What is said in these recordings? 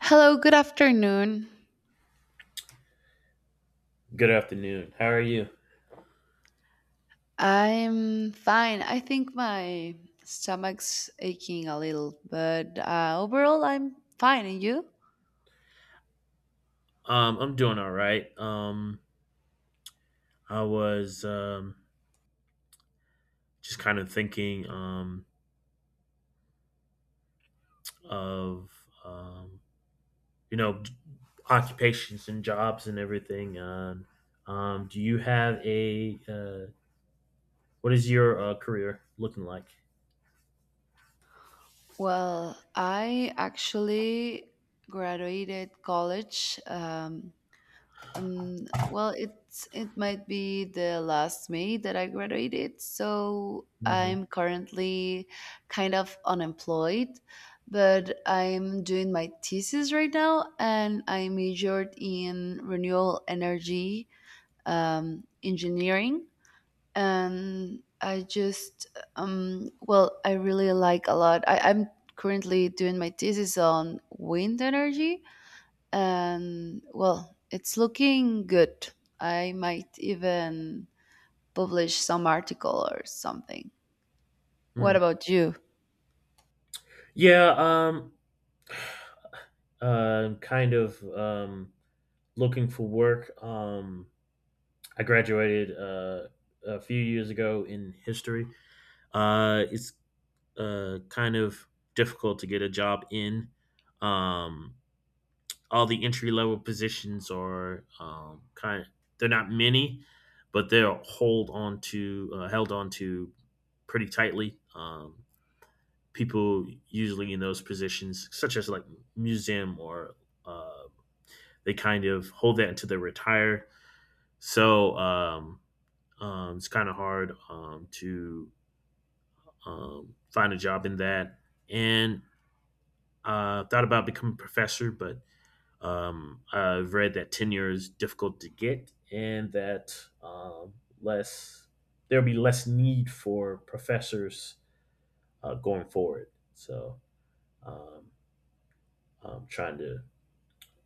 Hello, good afternoon. Good afternoon. How are you? I'm fine. I think my stomach's aching a little, but overall, I'm fine. And you? I'm doing all right. I was Just kind of thinking of um, you know occupations and jobs and everything. Do you have a what is your career looking like? Well, I actually graduated college well, it might be the last May that I graduated, so hmm I'm currently kind of unemployed, but I'm doing my thesis right now, and I majored in renewable energy engineering, and I just well, I really like a lot. I'm currently doing my thesis on wind energy and well, it's looking good. I might even publish some article or something. What Mm. about you? Yeah. Kind of looking for work. I graduated a few years ago in history. It's Kind of difficult to get a job in. Um, all the entry level positions are kind of, they're not many, but they're hold on to held on to pretty tightly. People usually in those positions, such as like museum or uh, they kind of hold that until they retire. So it's kind of hard to find a job in that. And Thought about becoming a professor, but I've read that tenure is difficult to get, and that um, less there'll be less need for professors going forward. So um, I'm trying to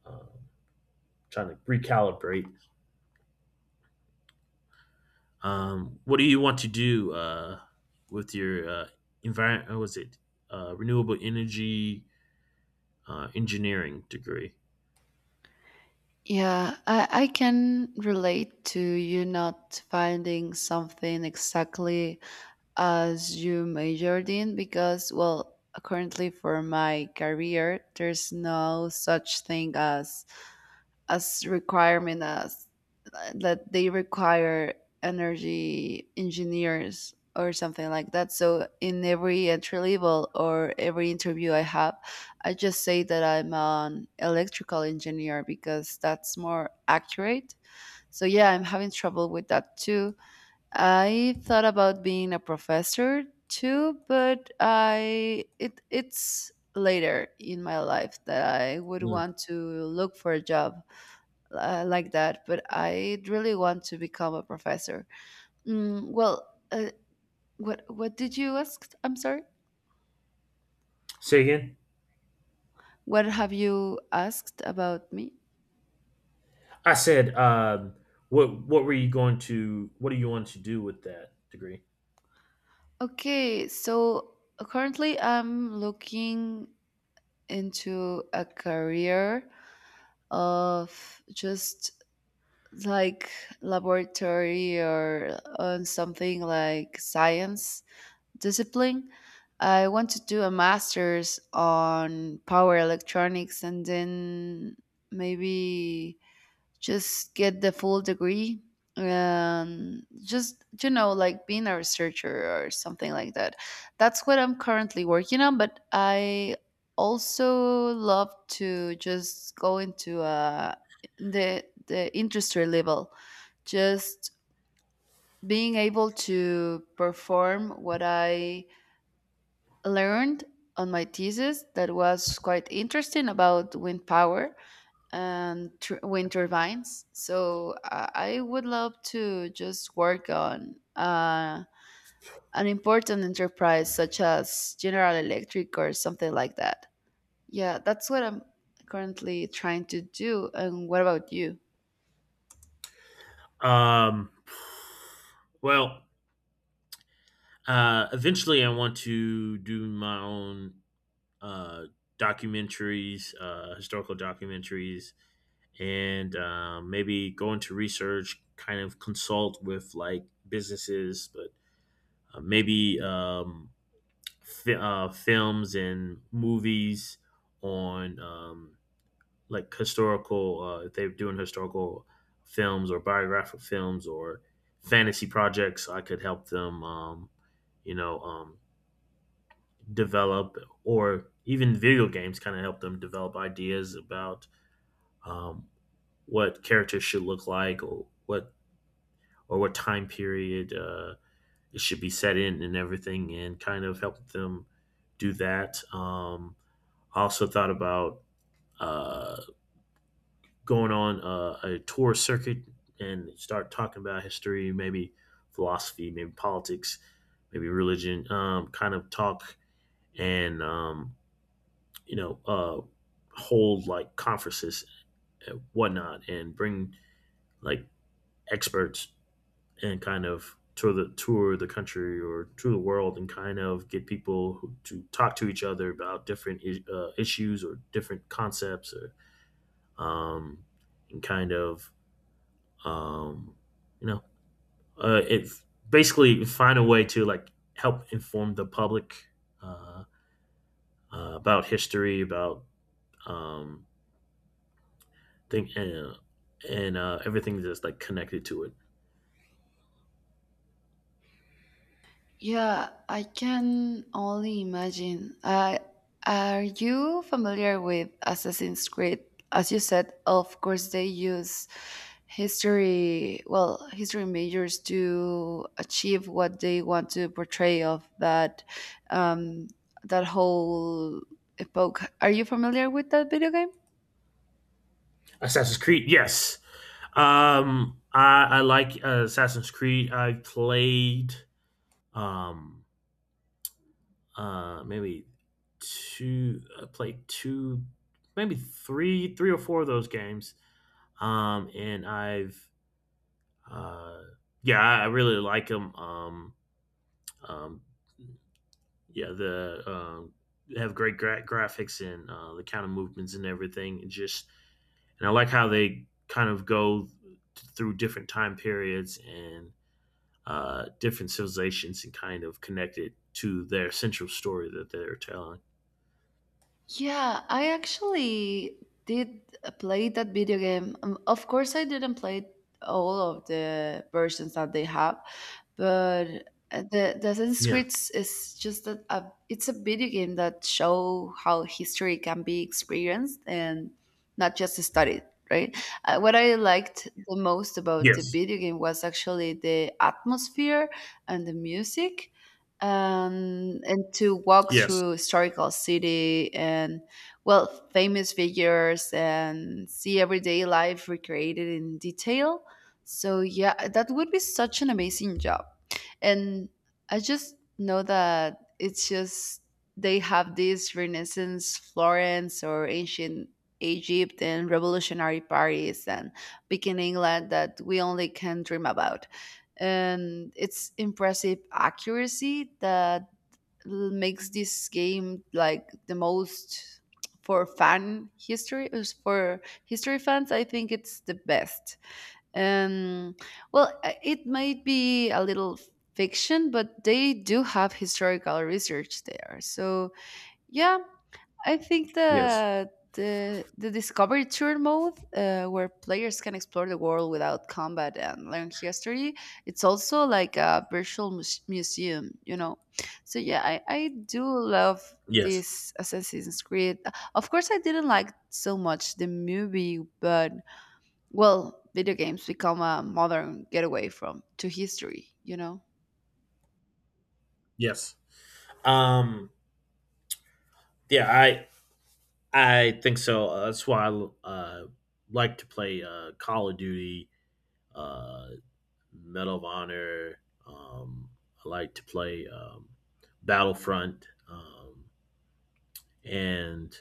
um, trying to recalibrate. What do you want to do with your environment? What Was it renewable energy engineering degree? Yeah, I can relate to you not finding something exactly as you majored in because, well, currently for my career, there's no such thing as requirement as that they require energy engineers or something like that. So in every entry level or every interview I have, I just say that I'm an electrical engineer because that's more accurate. So yeah, I'm having trouble with that too. I thought about being a professor too, but I it it's later in my life that I would Mm. want to look for a job like that, but I really want to become a professor. Mm, well, uh, what did you ask? I'm sorry. Say again. What have you asked about me? I said, what were you going to? What do you want to do with that degree? Okay, so currently I'm looking into a career of just like laboratory or on something like science discipline. I want to do a master's on power electronics and then maybe just get the full degree and just you know like being a researcher or something like that. That's what I'm currently working on, but I also love to just go into the industry level, just being able to perform what I learned on my thesis that was quite interesting about wind power and wind turbines. So I would love to just work on an important enterprise such as General Electric or something like that. Yeah, that's what I'm currently trying to do. And what about you? Um, well, eventually, I want to do my own uh, documentaries, historical documentaries, and maybe go into research, kind of consult with like businesses, but maybe films and movies on like historical if they're doing historical films or biographical films or fantasy projects I could help them you know um, develop or even video games, kind of help them develop ideas about um, what characters should look like or what time period it should be set in and everything, and kind of help them do that. I also thought about uh, going on a tour circuit and start talking about history, maybe philosophy, maybe politics, maybe religion, kind of talk and you know uh, hold like conferences and whatnot, and bring like experts and kind of tour the country or tour the world and kind of get people to talk to each other about different issues or different concepts or um, and kind of um, you know, it basically find a way to like help inform the public uh, about history, about um, thing and everything that's like connected to it. Yeah, I can only imagine. Are you familiar with Assassin's Creed? As you said, of course, they use history, well, history majors to achieve what they want to portray of that, um, that whole epoch. Are you familiar with that video game? Assassin's Creed, yes. I like Assassin's Creed. I've played um, uh, maybe I played two, maybe three or four of those games. And I've Uh, yeah, I really like them. Um, yeah, the have great graphics and the kind of movements and everything. And I like how they kind of go through different time periods and different civilizations and kind of connect it to their central story that they're telling. Yeah, I actually did play that video game. Of course, I didn't play all of the versions that they have, but the Assassin's Yeah. Creed is just that, a, it's a video game that show how history can be experienced and not just studied. Right. What I liked the most about the Yes. video game was actually the atmosphere and the music, and to walk Yes. through historical city and well famous figures and see everyday life recreated in detail. So yeah, that would be such an amazing job, and I just know that it's just they have this Renaissance Florence or ancient Egypt and revolutionary Paris and big in England that we only can dream about, and its impressive accuracy that makes this game like the most for fan history is for history fans. I think it's the best. Um, well, it might be a little fiction, but they do have historical research there. So yeah, I think Yes. that the discovery tour mode, where players can explore the world without combat and learn history, it's also like a virtual museum, you know. So yeah, I do love Yes. this Assassin's Creed. Of course, I didn't like so much the movie, but well, video games become a modern getaway from to history, you know. Yes. Um. Yeah. I think so. That's why I like to play Call of Duty, uh, Medal of Honor. Um, I like to play Battlefront, um, and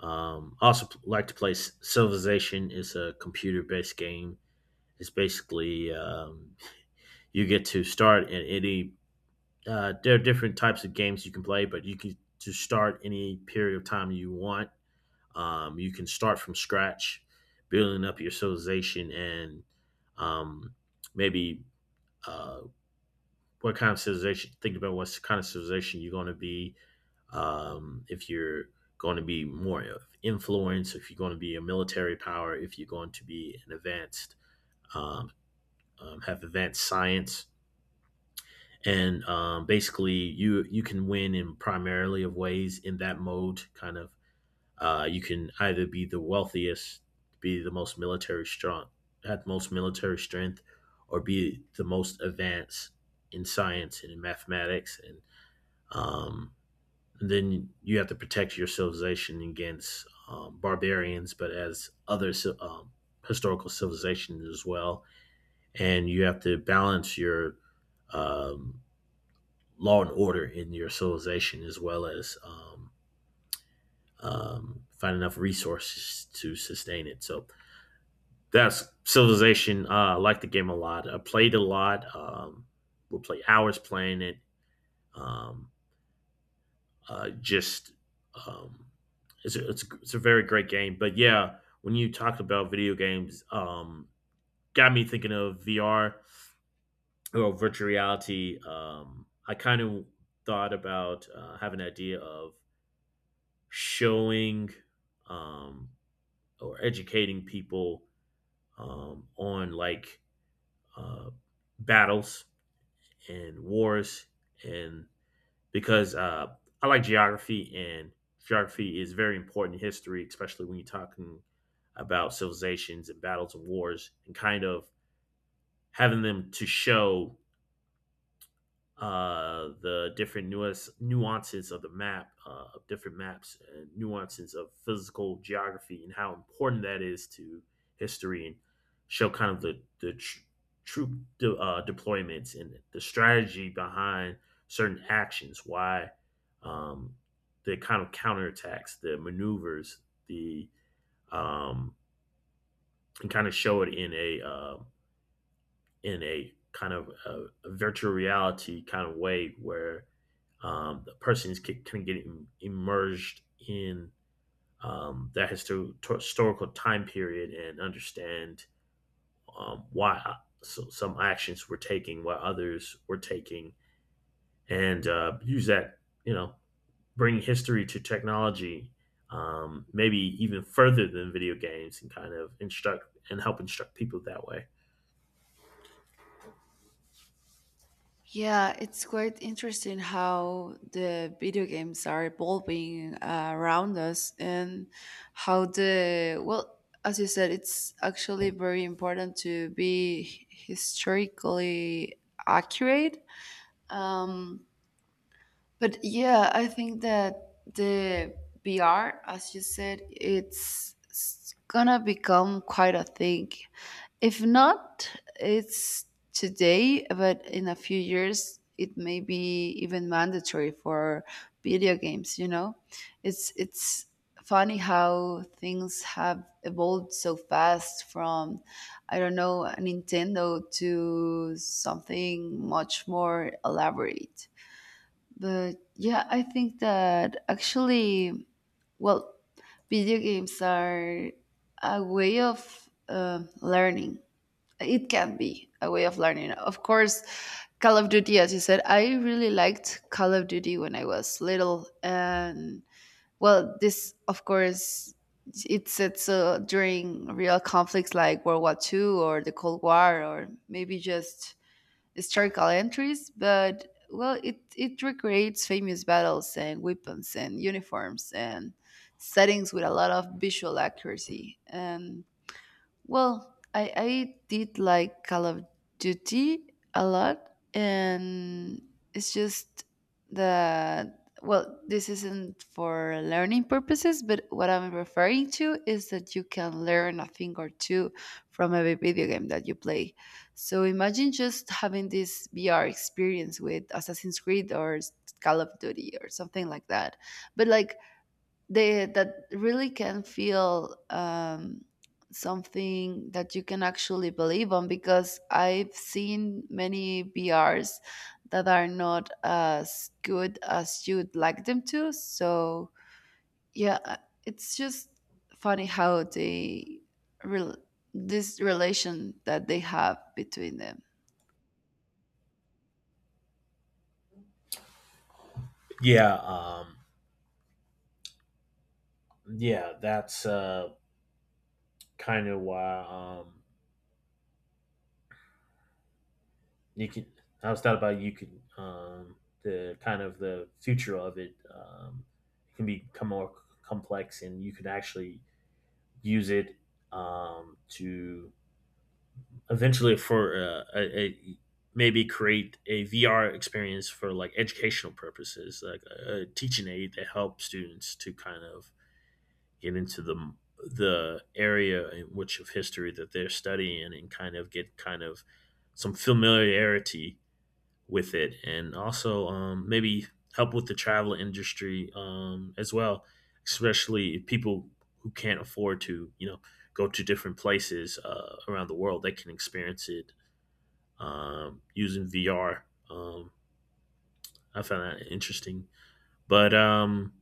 um, also like to play Civilization. It's a computer-based game. It's basically you get to start in any. There are different types of games you can play, but you can to start any period of time you want. You can start from scratch, building up your civilization and um, maybe uh, what kind of civilization, think about what kind of civilization you're going to be if you're going to be more of influence, if you're going to be a military power, if you're going to be an advanced, um, have advanced science. And basically, you can win in primarily of ways in that mode, kind of. You can either be the wealthiest, be the most military strong, have most military strength, or be the most advanced in science and in mathematics, um, and then you have to protect your civilization against barbarians, but as other um, historical civilizations as well, and you have to balance your um, law and order in your civilization as well as find enough resources to sustain it. So that's Civilization. I like the game a lot. I played a lot. We'll play hours playing it. Um, just um, it's it's a very great game. But yeah, when you talked about video games, got me thinking of VR or virtual reality. I kind of thought about having an idea of showing um, or educating people on like uh, battles and wars and because I like geography and geography is very important in history, especially when you're talking about civilizations and battles and wars and kind of having them to show the different nuances of the map, of different maps, and nuances of physical geography, and how important that is to history, and show kind of the troop deployments and the strategy behind certain actions, why um, the kind of counterattacks, the maneuvers, the um, and kind of show it in a kind of a virtual reality kind of way where the person is kind of getting immersed in that historical time period and understand why some actions were taking, why others were taking, and use that, you know, bring history to technology, maybe even further than video games, and kind of instruct and help instruct people that way. Yeah, it's quite interesting how the video games are evolving around us and how the, well, as you said, it's actually very important to be historically accurate. Um, but yeah, I think that the VR, as you said, it's gonna become quite a thing. If not, it's today, but in a few years, it may be even mandatory for video games. You know, it's funny how things have evolved so fast from I don't know a Nintendo to something much more elaborate. But yeah, I think that actually, well, video games are a way of learning. It can be a way of learning. Of course, Call of Duty, as you said, I really liked Call of Duty when I was little. And well, this, of course, it's during real conflicts like World War Two or the Cold War, or maybe just historical entries, but well, it recreates famous battles and weapons and uniforms and settings with a lot of visual accuracy. And well, I did like Call of Duty a lot, and it's just that, well, this isn't for learning purposes, but what I'm referring to is that you can learn a thing or two from every video game that you play. So imagine just having this VR experience with Assassin's Creed or Call of Duty or something like that. But like they that really can feel something that you can actually believe on, because I've seen many BRs that are not as good as you'd like them to. So yeah, it's just funny how they rel this relation that they have between them. Yeah, yeah, that's kind of why you can. I was thought about you can the kind of the future of it. It can become more complex, and you can actually use it to eventually for a maybe create a VR experience for like educational purposes, like a teaching aid that helps students to kind of get into the area in which of history that they're studying and kind of get some familiarity with it, and also maybe help with the travel industry as well, especially people who can't afford to you know go to different places around the world. They can experience it using VR. I found that interesting, but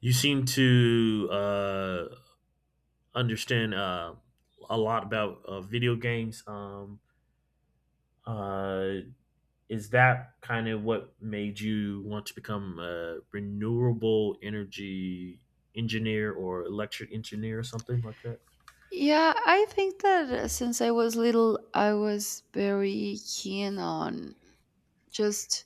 you seem to understand a lot about video games. Uh, is that kind of what made you want to become a renewable energy engineer or electric engineer or something like that? Yeah, I think that since I was little, I was very keen on just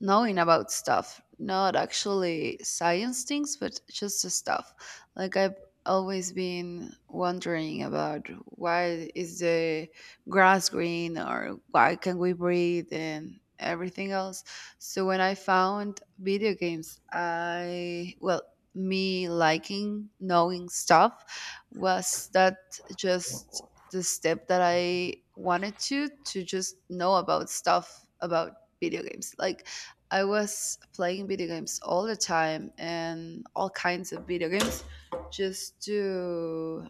knowing about stuff, not actually science things but just the stuff. Like I've always been wondering about why is the grass green or why can we breathe and everything else. So when I found video games, I, well, me liking knowing stuff was that just the step that I wanted to just know about stuff about video games. Like I was playing video games all the time and all kinds of video games just to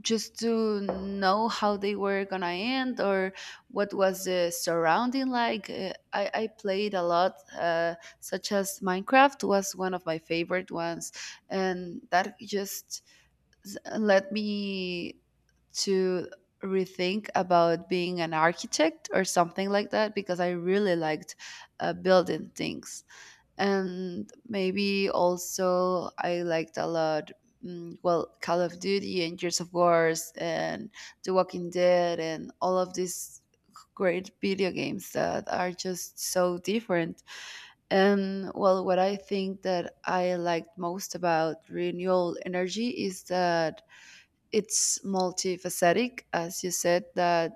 just to know how they were gonna end or what was the surrounding like. I played a lot, such as Minecraft was one of my favorite ones, and that just let me to rethink about being an architect or something like that because I really liked building things. And maybe also I liked a lot, well, Call of Duty and Gears of Wars and The Walking Dead and all of these great video games that are just so different. And well, what I think that I liked most about renewable energy is that it's multifaceted, as you said, that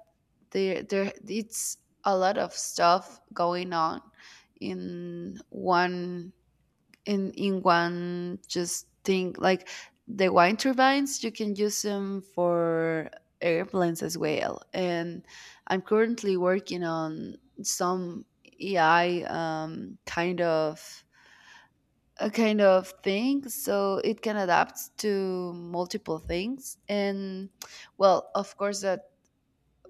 there it's a lot of stuff going on in one in one just thing. Like the wind turbines, you can use them for airplanes as well, and I'm currently working on some AI kind of a kind of thing, so it can adapt to multiple things. And well, of course that,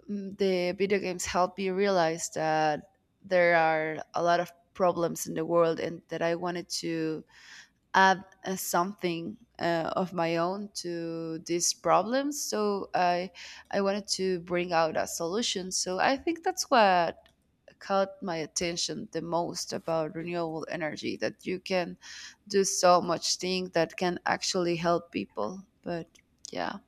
the video games help me realize that there are a lot of problems in the world and that I wanted to add something of my own to these problems. So I wanted to bring out a solution. So I think that's what caught my attention the most about renewable energy, that you can do so much thing that can actually help people. But yeah,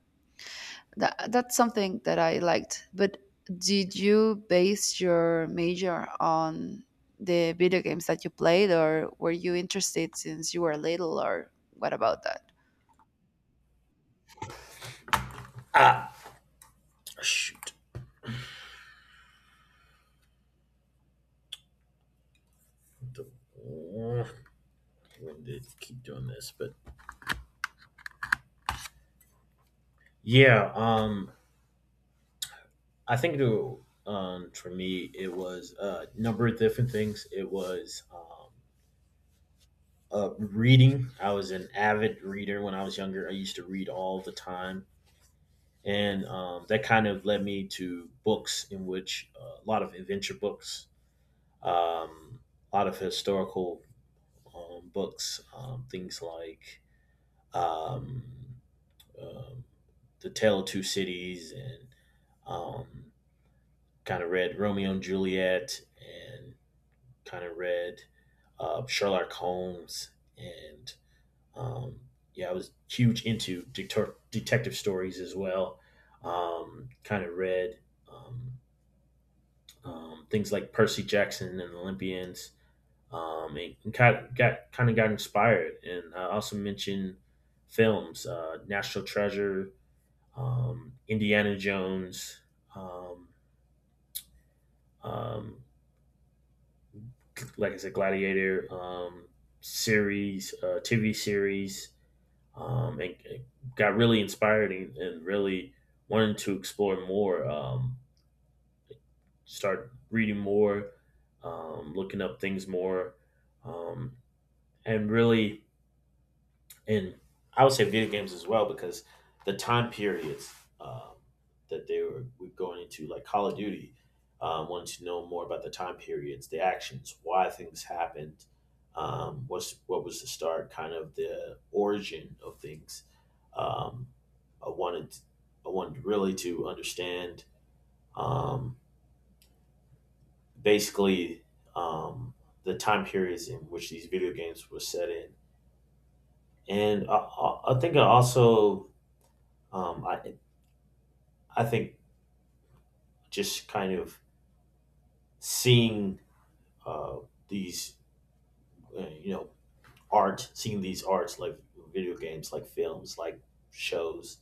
that's something that I liked. But did you base your major on the video games that you played, or were you interested since you were little, or what about that? Ah, shoot. When did keep doing this? But yeah, I think for me, it was a number of different things. It was reading. I was an avid reader when I was younger. I used to read all the time. And that kind of led me to books in which a lot of adventure books, um, a lot of historical books, things like um, um The Tale of Two Cities and um, kind of read Romeo and Juliet and kind of read Sherlock Holmes and Um, yeah, I was huge into detective stories as well. Kind of read um, things like Percy Jackson and Olympians, and kind of got inspired. And I also mentioned films, National Treasure, Indiana Jones, um, um, like I said, Gladiator series, TV series. And got really inspired and really wanted to explore more. Start reading more, looking up things more, um, and really and I would say video games as well, because the time periods um, that they were going into, like Call of Duty, wanted to know more about the time periods, the actions, why things happened, um, what was the start, kind of the origin of things. Um, I wanted I wanted really to understand um, basically um, the time periods in which these video games were set in, and I think I also um, I I think just kind of seeing uh, these, you know, art, seeing these arts like video games, like films, like shows,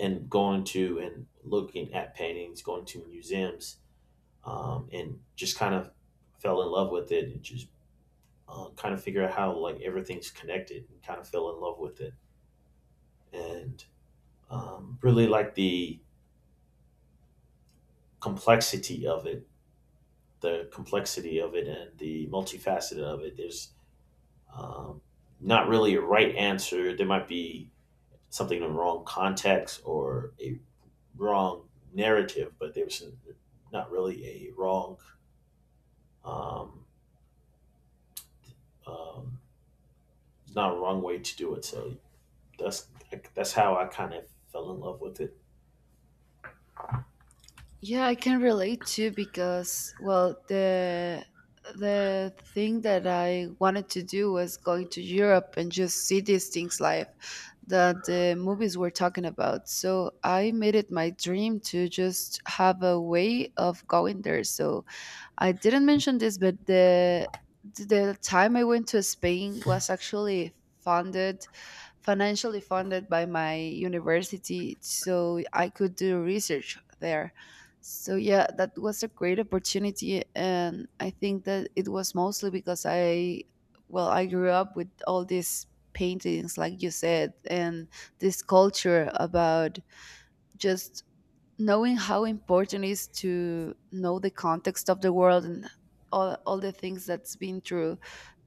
and going to and looking at paintings, going to museums, and just kind of fell in love with it and just kind of figure out how like everything's connected and kind of fell in love with it and really like complexity of it, the complexity of it, and the multifaceted of it. There's Um, Not really a right answer. There might be something in the wrong context or a wrong narrative, but there was not really a wrong, um, um, not a wrong way to do it. So that's that's how I kind of fell in love with it. Yeah, I can relate too, because well, the thing that I wanted to do was going to Europe and just see these things live that the movies were talking about. So I made it my dream to just have a way of going there. So I didn't mention this, but the time I went to Spain was actually funded financially funded by my university so I could do research there. So yeah, that was a great opportunity, and I think that it was mostly because well, I grew up with all these paintings, like you said, and this culture about just knowing how important it is to know the context of the world and all the things that's been through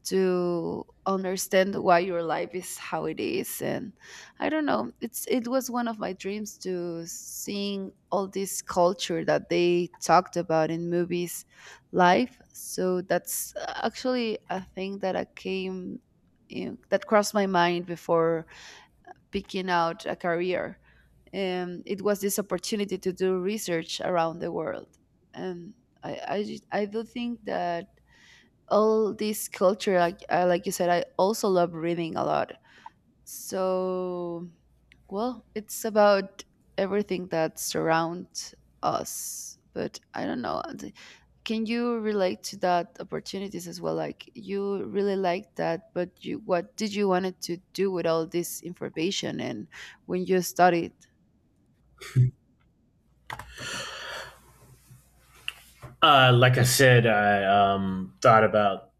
to understand why your life is how it is. And I don't know, it's it was one of my dreams to seeing all this culture that they talked about in movies live. So that's actually a thing that I came, you know, that crossed my mind before picking out a career. And it was this opportunity to do research around the world. And I do think that all this culture, like you said, I also love reading a lot. So well, it's about everything that surrounds us. But I don't know, can you relate to that opportunities as well? Like, you really liked that, but you, what did you wanted to do with all this information and when you studied? Like I said, I thought about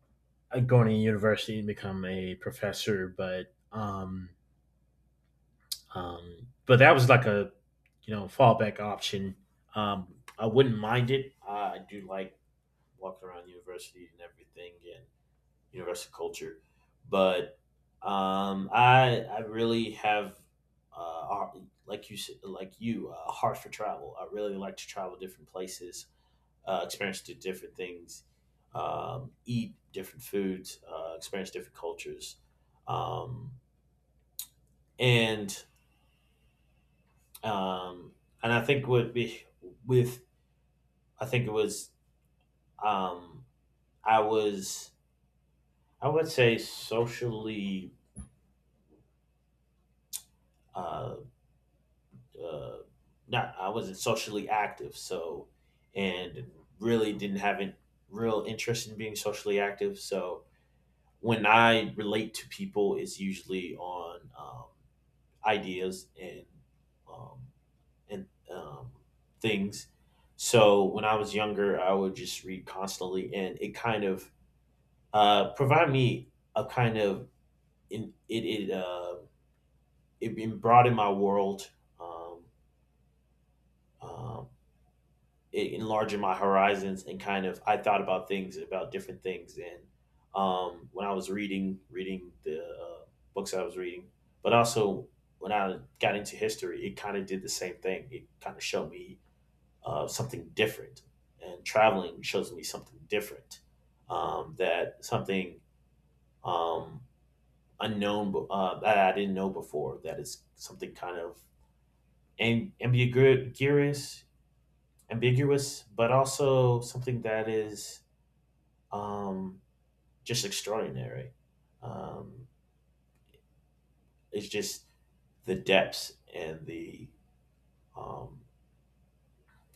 going to university and become a professor, but that was like a you know fallback option. I wouldn't mind it. I do like walking around university and everything and university culture, but I really have like you said- like you a heart for travel. I really like to travel different places, experience different things, eat different foods, experience different cultures, um, and um, and I think would be with I think it was um, I was I would say socially uh, uh, not I wasn't socially active, so and really didn't have a real interest in being socially active, so when I relate to people it's usually on ideas um, and things. So when I was younger I would just read constantly and it kind of provide me a kind of in, it it, it broadened my world. Um, um, it enlarged my horizons and kind of I thought about things about different things. And when I was reading the books I was reading, but also when I got into history, it kind of did the same thing. It kind of showed me something different, and traveling shows me something different. That something um, unknown that I didn't know before. That is something kind of ambiguous, ambiguous, but also something that is um, just extraordinary. Um, it's just the depths and the um,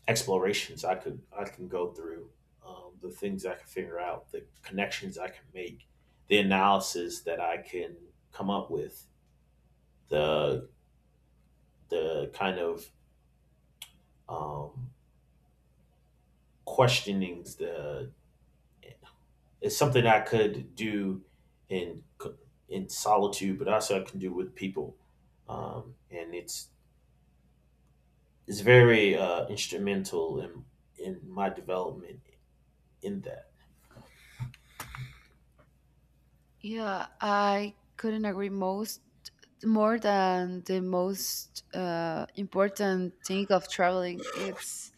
explorations I can go through, the things I can figure out, the connections I can make, the analysis that I can come up with, the the kind of um, questionings the it's something I could do in c- in solitude, but also I can do with people, and it's very instrumental in my development in that. Yeah, I couldn't agree most more than the most important thing of traveling. It's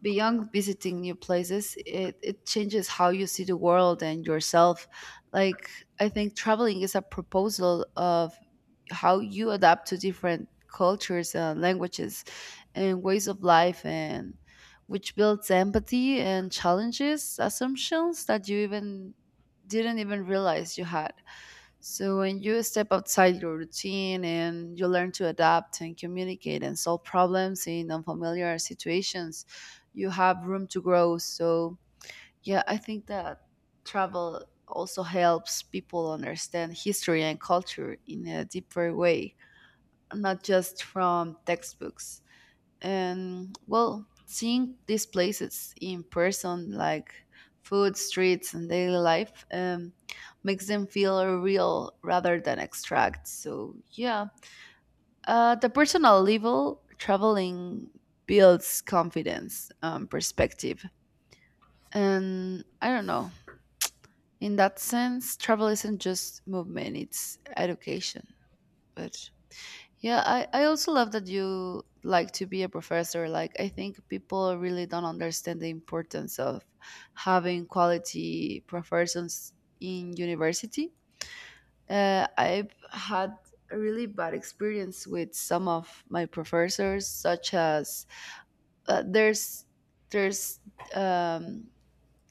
beyond visiting new places. It changes how you see the world and yourself. Like, I think traveling is a proposal of how you adapt to different cultures and languages and ways of life, and which builds empathy and challenges assumptions that you even didn't even realize you had. So when you step outside your routine and you learn to adapt and communicate and solve problems in unfamiliar situations, you have room to grow. So yeah, I think that travel also helps people understand history and culture in a deeper way, not just from textbooks. And well, seeing these places in person like food streets and daily life makes them feel real rather than abstract. So yeah, the personal level, traveling builds confidence, perspective, and I don't know, in that sense travel isn't just movement, it's education. But yeah, I also love that you like to be a professor. Like, I think people really don't understand the importance of having quality professors in university. I've had a really bad experience with some of my professors, such as uh, there's there's um,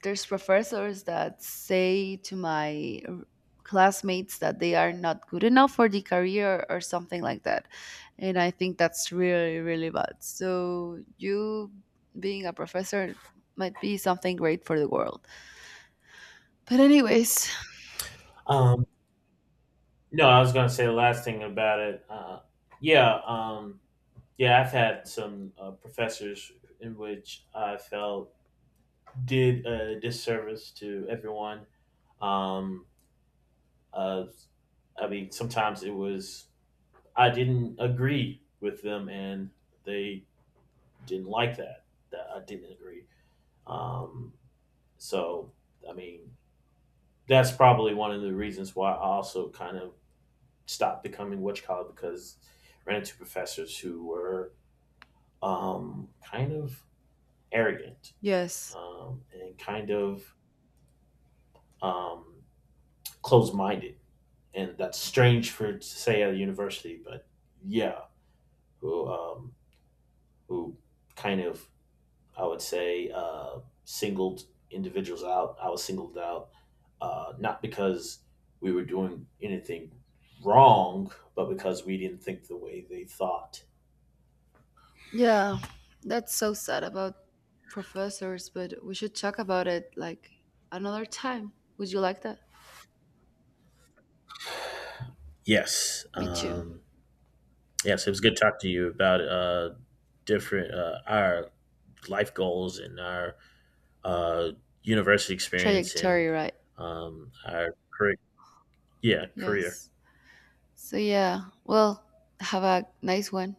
there's professors that say to my classmates that they are not good enough for the career or something like that. And I think that's really really bad. So you being a professor might be something great for the world. But anyways. Um, no, I was gonna say the last thing about it. Yeah, um, yeah, I've had some professors in which I felt did a disservice to everyone. Um, uh, I mean, sometimes it was I didn't agree with them, and they didn't like that. That I didn't agree. Um, so I mean, that's probably one of the reasons why I also kind of stopped becoming witch collar, because I ran into professors who were kind of arrogant, Yes. and kind of um, closed minded. And that's strange for to say at a university, but yeah, who um, who kind of I would say singled individuals out. I was singled out not because we were doing anything wrong, but because we didn't think the way they thought. Yeah, that's so sad about professors, but we should talk about it like another time. Would you like that? Yes. Me too. Yes, it was good talking to you about different our life goals and our uh, university experience Trajectory, and right? Our career. Yeah, career. Yes. So yeah, well, have a nice one.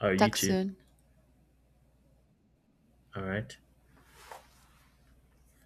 You Talk too. soon. All right.